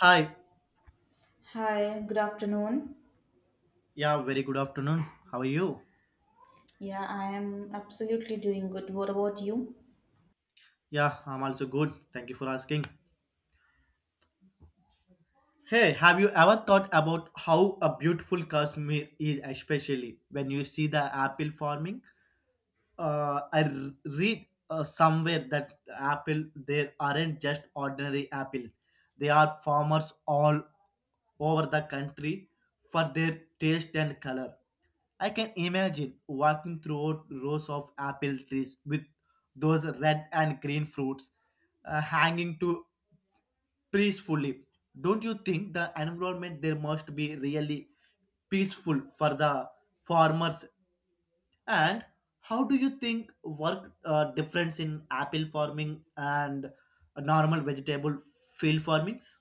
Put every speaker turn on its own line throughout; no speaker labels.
Hi.
Hi, good afternoon.
Yeah, very good afternoon. How are you?
Yeah, I am absolutely doing good. What about you?
Yeah, I'm also good. Thank you for asking. Hey, have you ever thought about how a beautiful Kashmir is, especially when you see the apple farming? I read somewhere that apple there aren't just ordinary apples. They are farmers all over the country for their taste and color. I can imagine walking through rows of apple trees with those red and green fruits hanging to peacefully. Don't you think the environment there must be really peaceful for the farmers, and how do you think work difference in apple farming and a normal vegetable field farmings?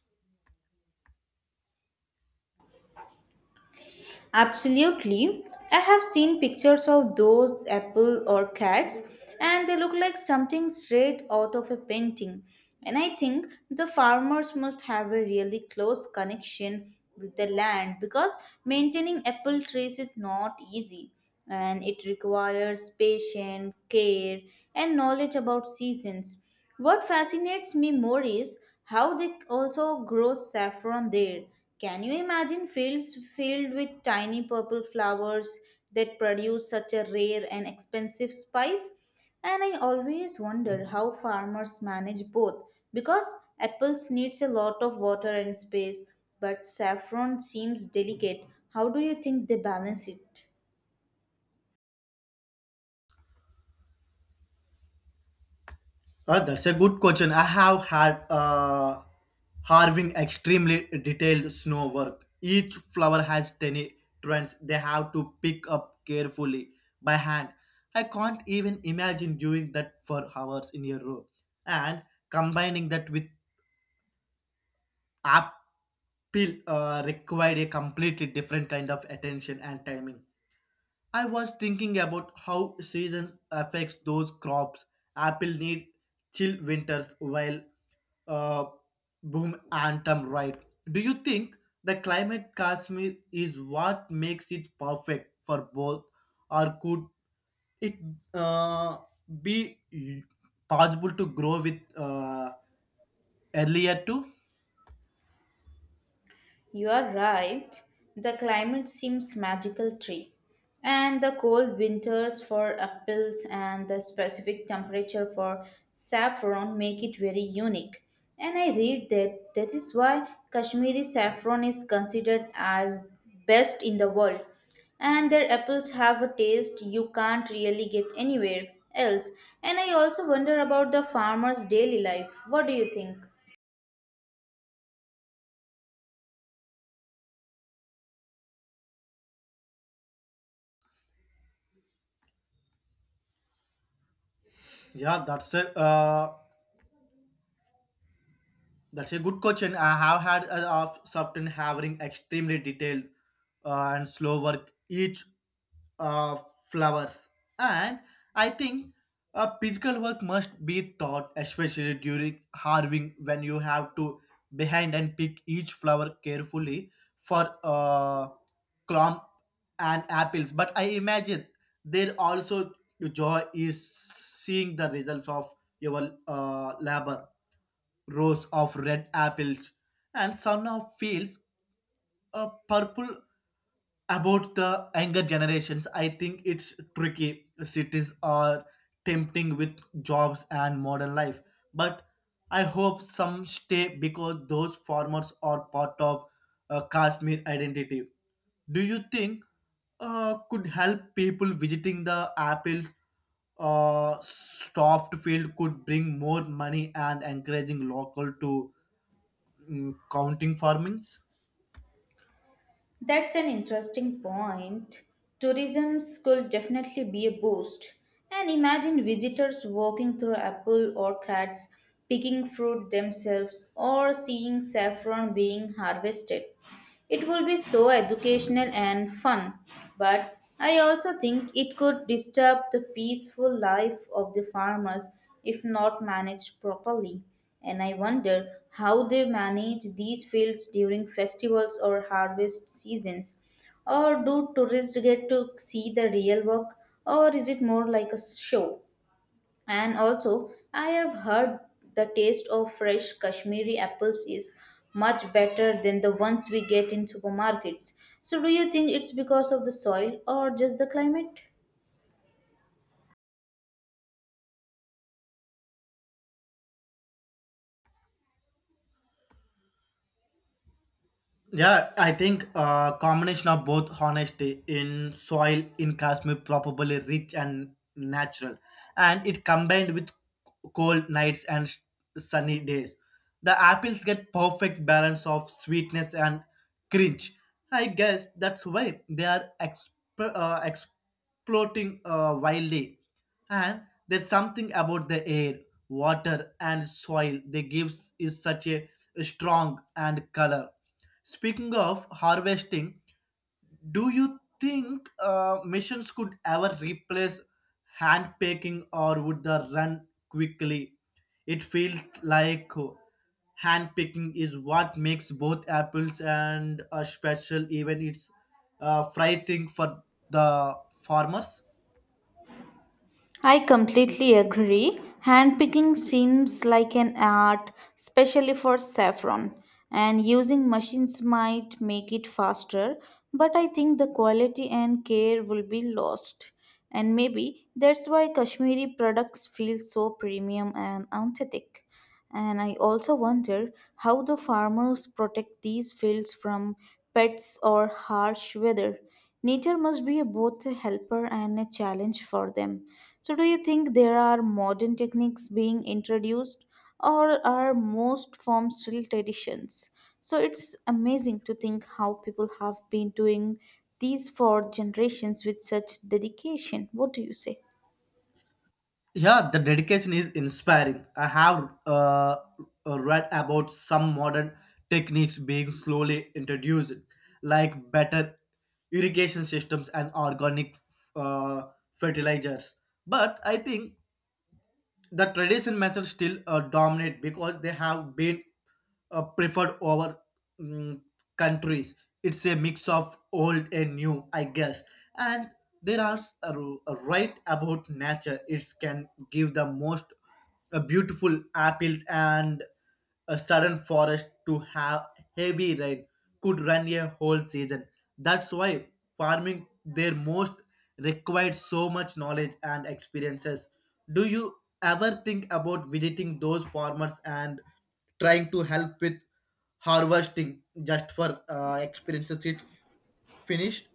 Absolutely. I have seen pictures of those apple orchids, and they look like something straight out of a painting. And I think the farmers must have a really close connection with the land because maintaining apple trees is not easy, and it requires patience, care, and knowledge about seasons. What fascinates me more is how they also grow saffron there. Can you imagine fields filled with tiny purple flowers that produce such a rare and expensive spice? And I always wonder how farmers manage both because apples needs a lot of water and space, but saffron seems delicate. How do you think they balance it?
That's a good question. I have had harving extremely detailed snow work. Each flower has tiny trends they have to pick up carefully by hand. I can't even imagine doing that for hours in a row. And combining that with Apple required a completely different kind of attention and timing. I was thinking about how seasons affects those crops. Apple need chill winters while uh, boom anthem right. Do you think the climate Kashmir is what makes it perfect for both, or could it uh, be possible to grow with earlier too?
You are right. The climate seems magical tree. And the cold winters for apples and the specific temperature for saffron make it very unique. And I read that that is why Kashmiri saffron is considered as best in the world. And their apples have a taste you can't really get anywhere else. And I also wonder about the farmer's daily life. What do you think?
Yeah that's a uh, That's a good question. I have had a of often having extremely detailed and slow work each uh, flowers, and I think physical work must be taught, especially during harving when you have to behind and pick each flower carefully for crumb and apples. But I imagine there also joy is seeing the results of your labor rows of red apples, and son of feels a purple about the younger generations. I think it's tricky. Cities are tempting with jobs and modern life, but I hope some stay because those farmers are part of Kashmir identity. Do you think could help people visiting the apple soft field could bring more money and encouraging local to counting farmings?
That's an interesting point. Tourism could definitely be a boost. And imagine visitors walking through apple orchards, picking fruit themselves, or seeing saffron being harvested. It will be so educational and fun, but I also think it could disturb the peaceful life of the farmers if not managed properly. And I wonder how they manage these fields during festivals or harvest seasons. Or do tourists get to see the real work, or is it more like a show? And also, I have heard the taste of fresh Kashmiri apples is much better than the ones we get in supermarkets. So, do you think it's because of the soil or just the climate?
Yeah, I think combination of both honesty in soil in Kashmir probably rich and natural, and it combined with cold nights and sunny days. The apples get perfect balance of sweetness and crunch. I guess that's why they are exploding wildly, and there's something about the air, water, and soil they gives is such a strong and color. Speaking of harvesting, do you think machines could ever replace hand picking or would they run quickly? It feels like hand picking is what makes both apples and a special even it's a fry thing for the farmers.
I completely agree. Handpicking seems like an art, especially for saffron, and using machines might make it faster, but I think the quality and care will be lost. And maybe that's why Kashmiri products feel so premium and authentic. And I also wonder how the farmers protect these fields from pests or harsh weather. Nature must be both a helper and a challenge for them. So, do you think there are modern techniques being introduced, or are most forms still traditions? So, it's amazing to think how people have been doing these for generations with such dedication. What do you say?
Yeah, the dedication is inspiring. I have read about some modern techniques being slowly introduced, like better irrigation systems and organic uh, fertilizers. But I think the traditional methods still dominate because they have been preferred over mm, countries. It's a mix of old and new, I guess. And there are s- a, r- a right about nature. It can give the most beautiful apples and a sudden forest to have heavy rain could run a whole season. That's why farming their most required so much knowledge and experiences. Do you ever think about visiting those farmers and trying to help with harvesting just for experiences it finished?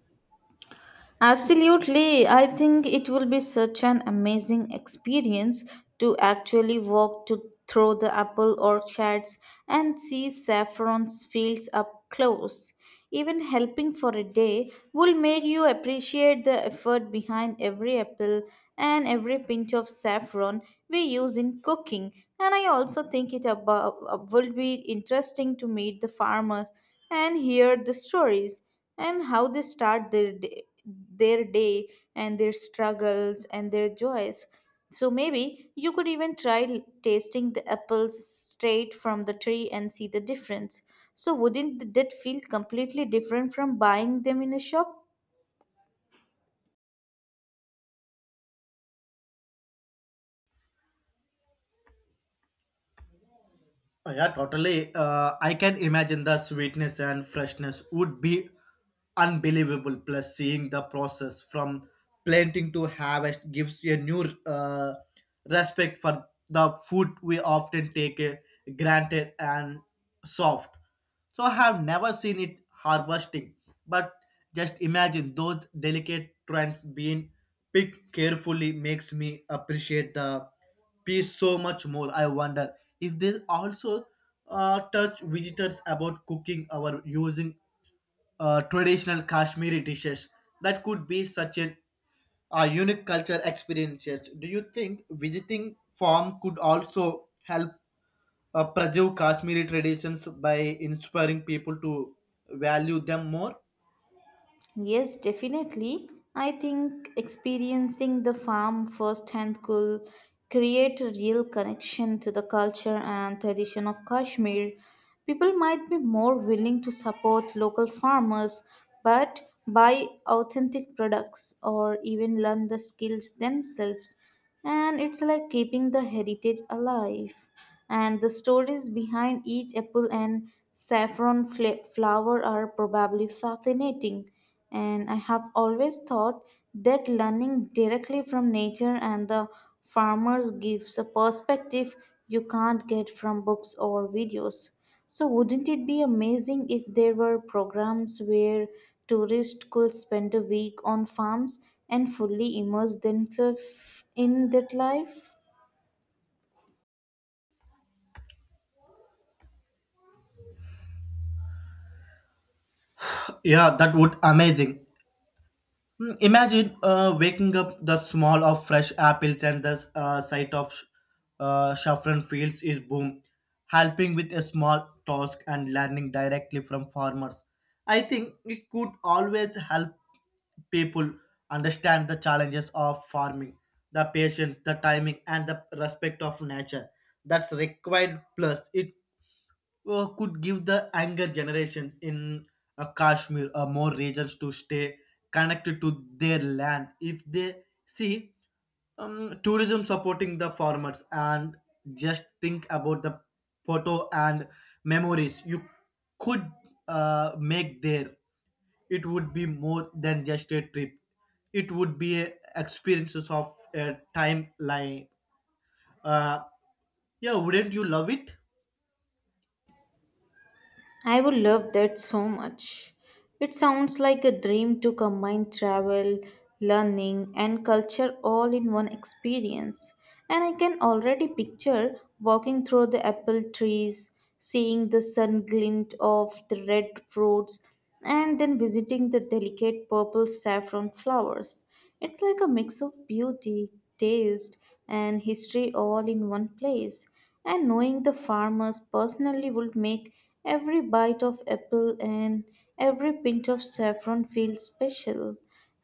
Absolutely. I think it will be such an amazing experience to actually through the apple orchards and see saffron's fields up close. Even helping for a day will make you appreciate the effort behind every apple and every pinch of saffron we use in cooking. And I also will be interesting to meet the farmers and hear the stories and how they start their day and their struggles and their joys. So maybe you could even tasting the apples straight from the tree and see the difference. So wouldn't that feel completely different from buying them in a shop?
Oh, yeah, totally. I can imagine the sweetness and freshness would be unbelievable. Plus, seeing the process from planting to harvest gives you a new respect for the food we often take granted and soft. So, I have never seen it harvesting, but just imagine those delicate trends being picked carefully makes me appreciate the peace so much more. I wonder if they also touch visitors about cooking or using traditional Kashmiri dishes. That could be such an unique culture experiences. Do you think visiting farm could also help preserve Kashmiri traditions by inspiring people to value them more?
Yes, definitely. I think experiencing the farm firsthand could create a real connection to the culture and tradition of Kashmir. People might be more willing to support local farmers, but buy authentic products or even learn the skills themselves, and it's like keeping the heritage alive. And the stories behind each apple and saffron flower are probably fascinating. And I have always thought that learning directly from nature and the farmers gives a perspective you can't get from books or videos. So, wouldn't it be amazing if there were programs where tourists could spend a week on farms and fully immerse themselves in that life?
Yeah, that would amazing. Imagine waking up the smell of fresh apples and the sight of saffron fields is boom, helping with a small task and learning directly from farmers. I think it could always help people understand the challenges of farming, the patience, the timing, and the respect of nature that's required. Plus, it could give the younger generations in Kashmir more reasons to stay connected to their land if they see tourism supporting the farmers, and just think about the photo and memories you could make there. It would be more than just a trip, it would be a experiences of a timeline, uh, yeah, wouldn't you love it?
I would love that so much. It sounds like a dream to combine travel, learning, and culture all in one experience. And I can already picture walking through the apple trees, seeing the sun glint off the red fruits, and then visiting the delicate purple saffron flowers. It's like a mix of beauty, taste, and history all in one place, and knowing the farmers personally would make every bite of apple and every pinch of saffron feel special.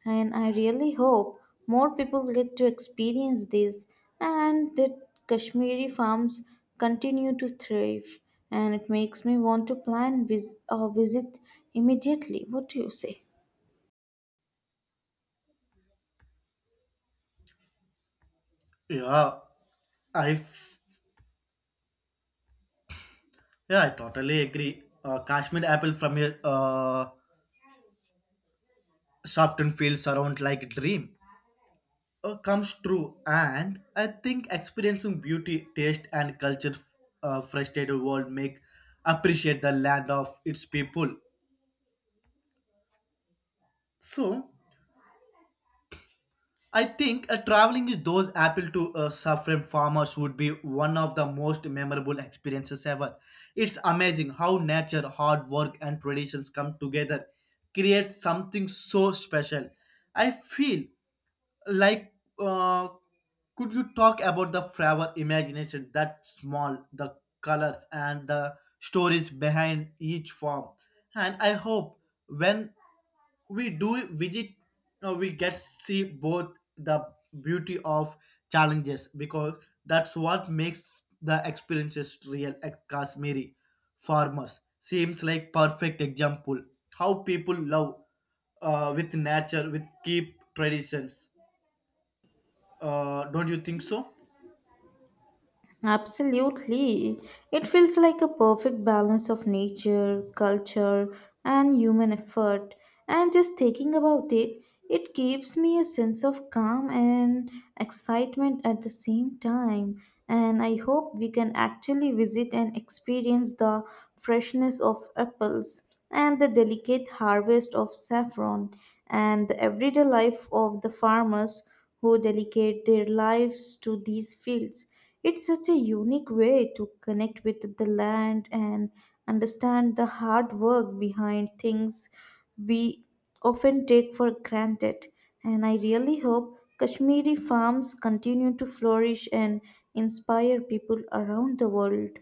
And I really hope more people get to experience this and that Kashmiri farms continue to thrive. And it makes me want to plan a visit immediately. What do you say?
Yeah i Yeah, I totally agree. Kashmir apple from your softened fields around like a dream comes true, and I think experiencing beauty, taste, and culture frustrated world make appreciate the land of its people. So I think traveling with those apple to suffering farmers would be one of the most memorable experiences ever. It's amazing how nature, hard work, and traditions come together, create something so special. I feel like uh, could you talk about the flower imagination that small the colors and the stories behind each form, and I hope when we do visit, we get see both the beauty of challenges because that's what makes the experiences real at Kashmiri farmers seems like perfect example how people love with nature with keep traditions. Don't you think so?
Absolutely. It feels like a perfect balance of nature, culture, and human effort. And just thinking about it, it gives me a sense of calm and excitement at the same time. And I hope we can actually visit and experience the freshness of apples, and the delicate harvest of saffron, and the everyday life of the farmers who dedicate their lives to these fields. It's such a unique way to connect with the land and understand the hard work behind things we often take for granted. And I really hope Kashmiri farms continue to flourish and inspire people around the world.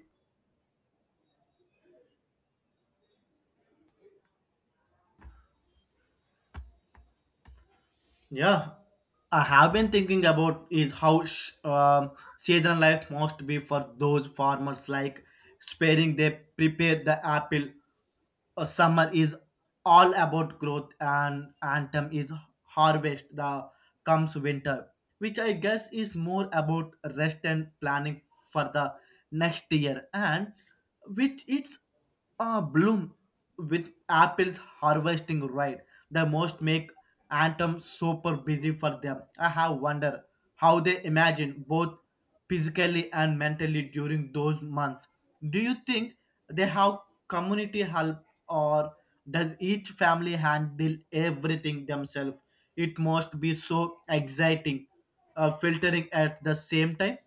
Yeah, I have been thinking about is how season life must be for those farmers like sparing they prepare the apple, summer is all about growth and autumn is harvest, the comes winter, which I guess is more about rest and planning for the next year, and with its bloom with apples harvesting right, the most make autumn super busy for them. I have wonder how they imagine both physically and mentally during those months. Do you think they have community help, or does each family handle everything themselves? It must be so exciting, filtering at the same time.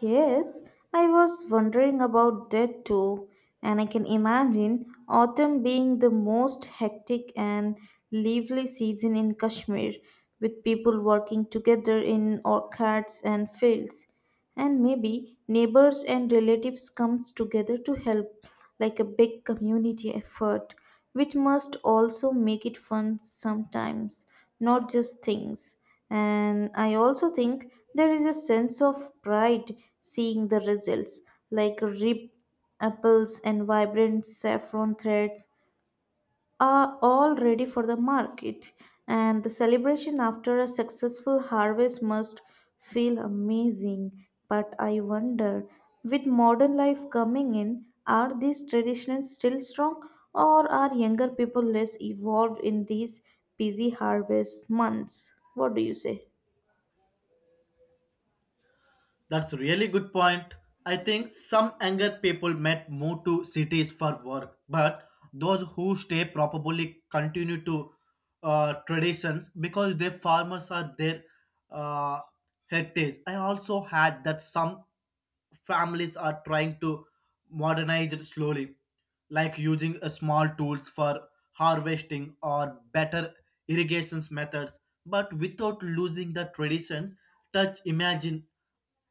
Yes, I was wondering about that too, and I can imagine autumn being the most hectic and lively season in Kashmir, with people working together in orchards and fields. And maybe neighbors and relatives comes together to help, like a big community effort, which must also make it fun sometimes, not just things. And I also think there is a sense of pride seeing the results, like rib apples and vibrant saffron threads are all ready for the market, and the celebration after a successful harvest must feel amazing. But I wonder, with modern life coming in, are these traditions still strong, or are younger people less evolved in these busy harvest months? What do you say?
That's a really good point. I think some younger people might move to cities for work, but those who stay probably continue to traditions because their farmers are their uh, heritage. I also had that some families are trying to modernize it slowly, like using a small tools for harvesting or better irrigation methods, but without losing the traditions touch. Imagine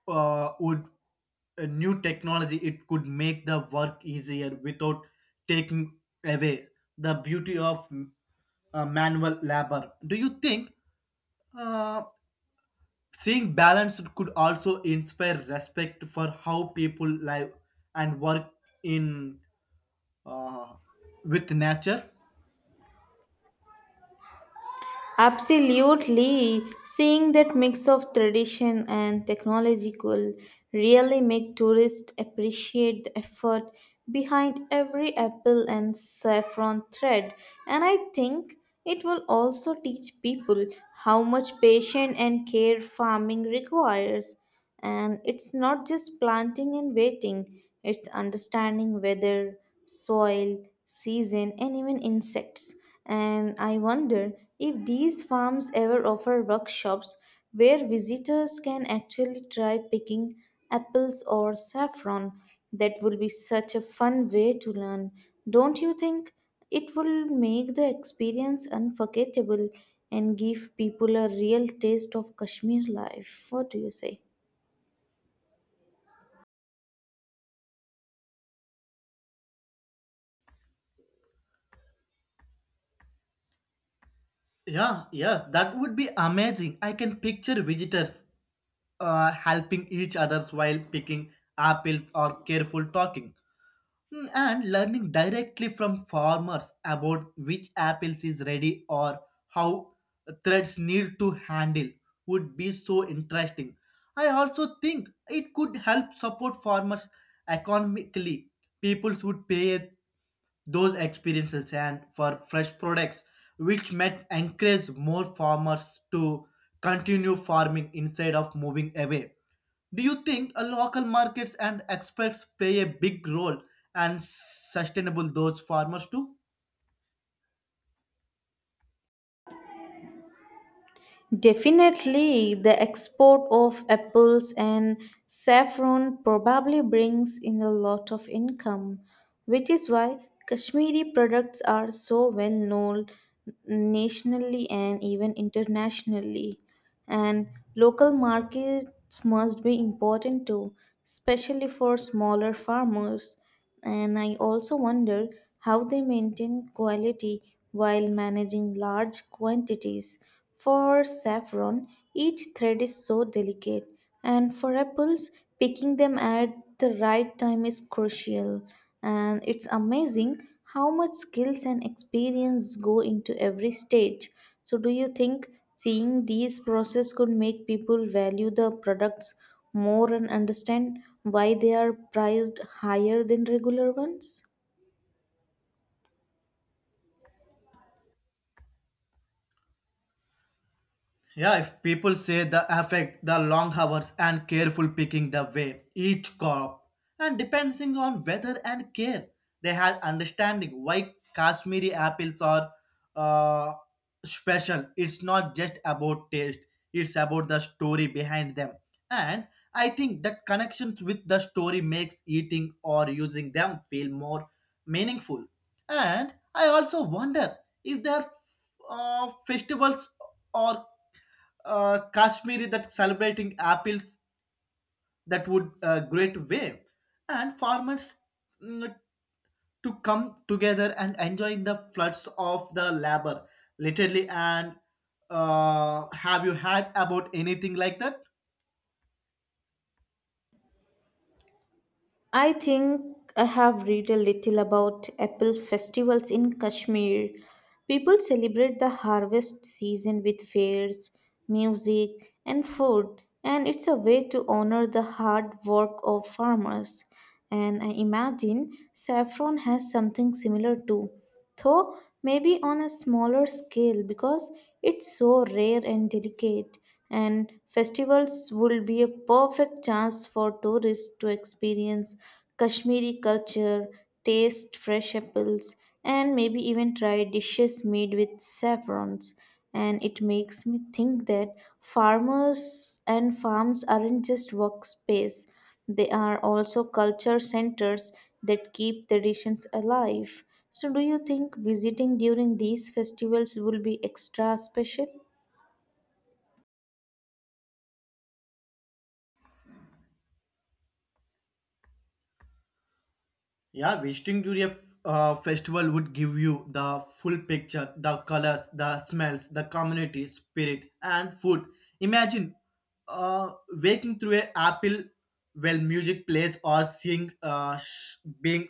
would a new technology it could make the work easier without taking away the beauty of manual labor. Do you think uh, seeing balance could also inspire respect for how people live and work in, uh, with nature?
Absolutely. Seeing that mix of tradition and technology could really make tourists appreciate the effort behind every apple and saffron thread. And I think it will also teach people how much patience and care farming requires. And it's not just planting and waiting, it's understanding weather, soil, season, and even insects. And I wonder if these farms ever offer workshops where visitors can actually try picking apples or saffron. That will be such a fun way to learn. Don't you think it will make the experience unforgettable and give people a real taste of Kashmir life? What do you say?
Yeah yes that would be amazing. I can picture visitors helping each others while picking apples or careful talking. And learning directly from farmers about which apples is ready or how threads need to handle would be so interesting. I also think it could help support farmers economically. People should pay those experiences and for fresh products, which might encourage more farmers to continue farming instead of moving away. Do you think local markets and experts play a big role and sustainable those farmers too?
Definitely, the export of apples and saffron probably brings in a lot of income, which is why Kashmiri products are so well known nationally and even internationally, and local markets must be important too, especially for smaller farmers. And I also wonder how they maintain quality while managing large quantities. For saffron, each thread is so delicate, and for apples, picking them at the right time is crucial, and it's amazing how much skills and experience go into every stage. So, do you think seeing these process could make people value the products more and understand why they are priced higher than regular ones?
Yeah, if people say the affect, the long hours and careful picking the way, each crop, and depending on weather and care, they had understanding why Kashmiri apples are uh, special. It's not just about taste; it's about the story behind them. And I think that connections with the story makes eating or using them feel more meaningful. And I also wonder if their festivals or Kashmiri that celebrating apples, that would great way, and farmers mm, to come together and enjoy the floods of the labor, literally. And have you had about anything like that?
I think I have read a little about apple festivals in Kashmir. People celebrate the harvest season with fairs, music, and food, and it's a way to honor the hard work of farmers. And I imagine saffron has something similar too, though maybe on a smaller scale because it's so rare and delicate. And festivals would be a perfect chance for tourists to experience Kashmiri culture, taste fresh apples, and maybe even try dishes made with saffrons. And it makes me think that farmers and farms aren't just workspace, they are also culture centers that keep traditions alive. So, do you think visiting during these festivals will be extra special?
Yeah, visiting during a festival would give you the full picture, the colors, the smells, the community spirit, and food. Imagine waking through an apple while music plays or seeing being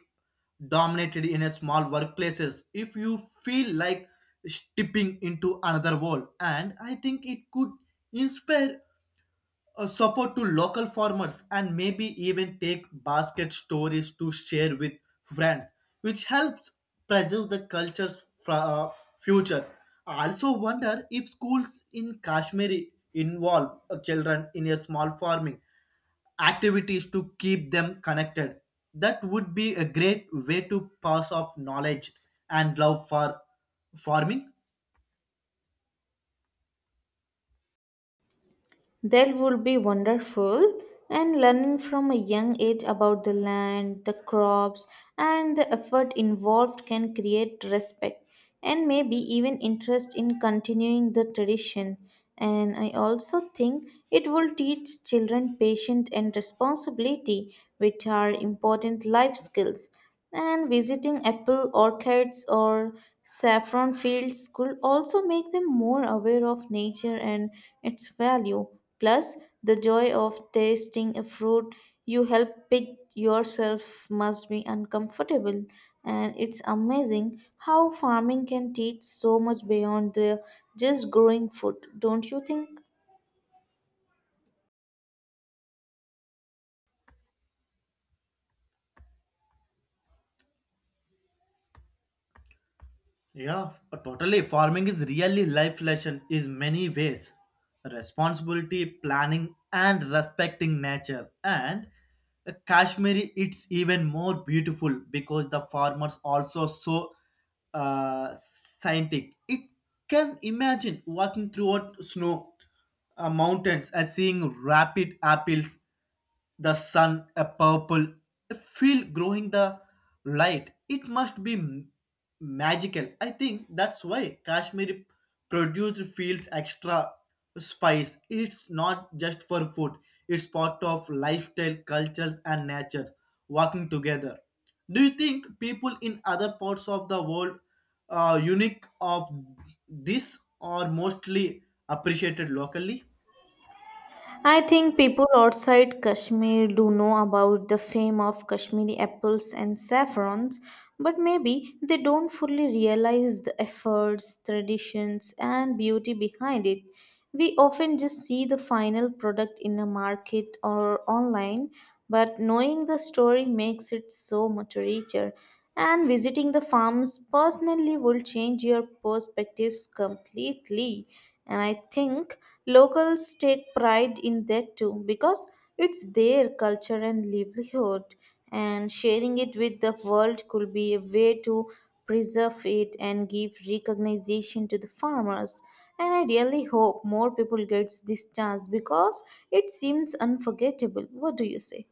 dominated in a small workplaces. If you feel like stepping into another world, and I think it could inspire support to local farmers and maybe even take basket stories to share with friends, which helps preserve the culture's future. I also wonder if schools in Kashmir involve children in a small farming activities to keep them connected. That would be a great way to pass off knowledge and love for farming.
That would be wonderful. And learning from a young age about the land, the crops, and the effort involved can create respect and maybe even interest in continuing the tradition. And I also think it will teach children patience and responsibility, which are important life skills. And visiting apple orchards or saffron fields could also make them more aware of nature and its value. Plus, the joy of tasting a fruit you help pick yourself must be uncomfortable. And it's amazing how farming can teach so much beyond the just growing food, don't you think?
Totally. Farming is really life lesson in many ways. Responsibility, planning, and respecting nature. And Kashmiri, it's even more beautiful because the farmers also so scientific. It can imagine walking throughout snow mountains and seeing rapid apples, the sun a purple, a field growing the light, it must be magical. I think that's why Kashmir produced fields extra spice, it's not just for food, it's part of lifestyle cultures and nature working together. Do you think people in other parts of the world are unique of this or mostly appreciated locally?
I think people outside Kashmir do know about the fame of Kashmiri apples and saffrons, but maybe they don't fully realize the efforts, traditions, and beauty behind it. We often just see the final product in a market or online, but knowing the story makes it so much richer, and visiting the farms personally will change your perspectives completely. And I think locals take pride in that too because it's their culture and livelihood, and sharing it with the world could be a way to preserve it and give recognition to the farmers. And I really hope more people gets this chance because it seems unforgettable. What do you say?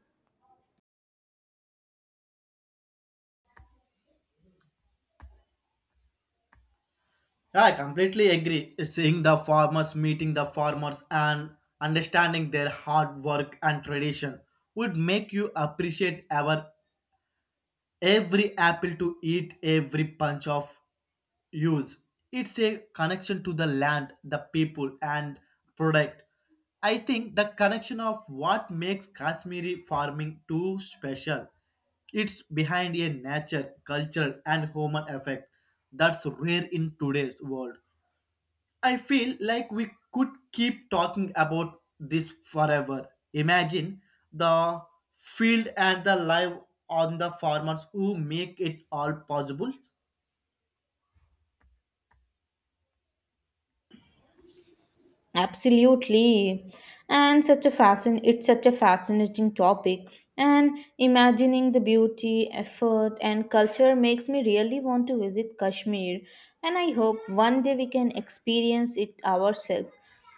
Yeah, I completely agree. Seeing the farmers, meeting the farmers, and understanding their hard work and tradition would make you appreciate our every apple to eat, every punch of use. It's a connection to the land, the people, and product. I think the connection of what makes Kashmiri farming too special. It's behind a nature, cultural, and human effect that's rare in today's world. I feel like we could keep talking about this forever. Imagine the field and the life on the farmers who make it all possible.
Absolutely. And such a fascin it's such a fascinating topic. And imagining the beauty, effort and culture makes me really want to visit Kashmir, and I hope one day we can experience it ourselves,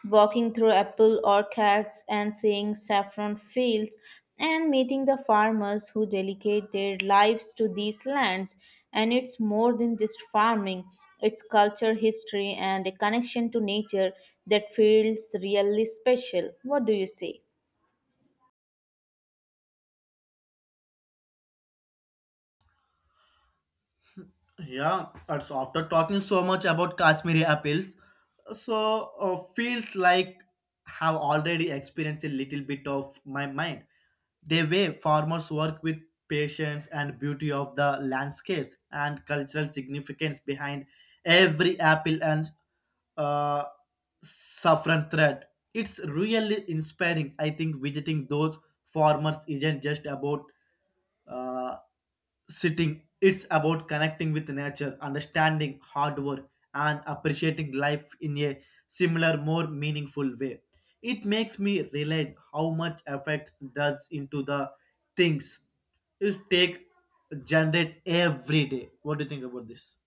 walking through apple orchards and seeing saffron fields and meeting the farmers who dedicate their lives to these lands. And it's more than just farming, it's culture, history, and a connection to nature that feels really special. What do you say?
Yeah, it's after talking so much about Kashmiri apples, so feels like have already experienced a little bit of my mind. The way farmers work with patience and beauty of the landscapes and cultural significance behind every apple and uh, saffron thread. It's really inspiring. I think visiting those farmers isn't just about uh, sitting. It's about connecting with nature, understanding hard work, and appreciating life in a similar, more meaningful way. It makes me realize how much effect does into the things it take generate every day. What do you think about this?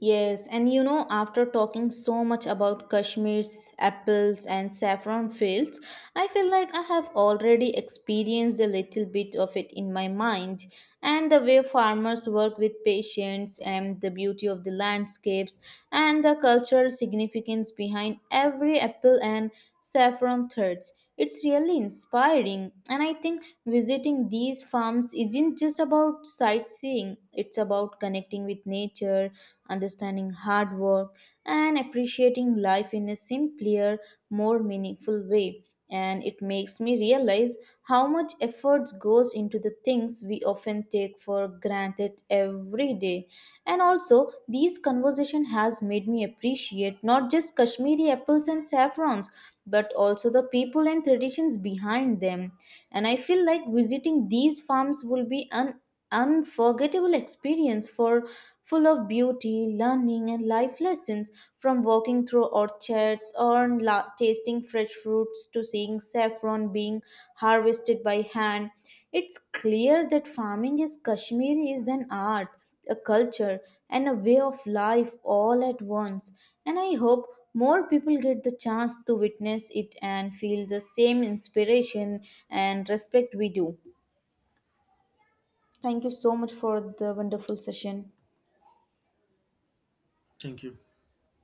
Yes, and after talking so much about Kashmir's apples and saffron fields, I feel like I have already experienced a little bit of it in my mind. And the way farmers work with patience, and the beauty of the landscapes, and the cultural significance behind every apple and saffron threads. It's really inspiring, and I think visiting these farms isn't just about sightseeing, it's about connecting with nature, understanding hard work, and appreciating life in a simpler, more meaningful way. And it makes me realize how much effort goes into the things we often take for granted every day. And also, these conversation has made me appreciate not just Kashmiri apples and saffrons, but also the people and traditions behind them. And I feel like visiting these farms will be an unforgettable experience for, full of beauty, learning, and life lessons. From walking through orchards or tasting fresh fruits to seeing saffron being harvested by hand, it's clear that farming is Kashmir is an art, a culture, and a way of life all at once. And I hope more people get the chance to witness it and feel the same inspiration and respect we do. Thank you so much for the wonderful session.
Thank you.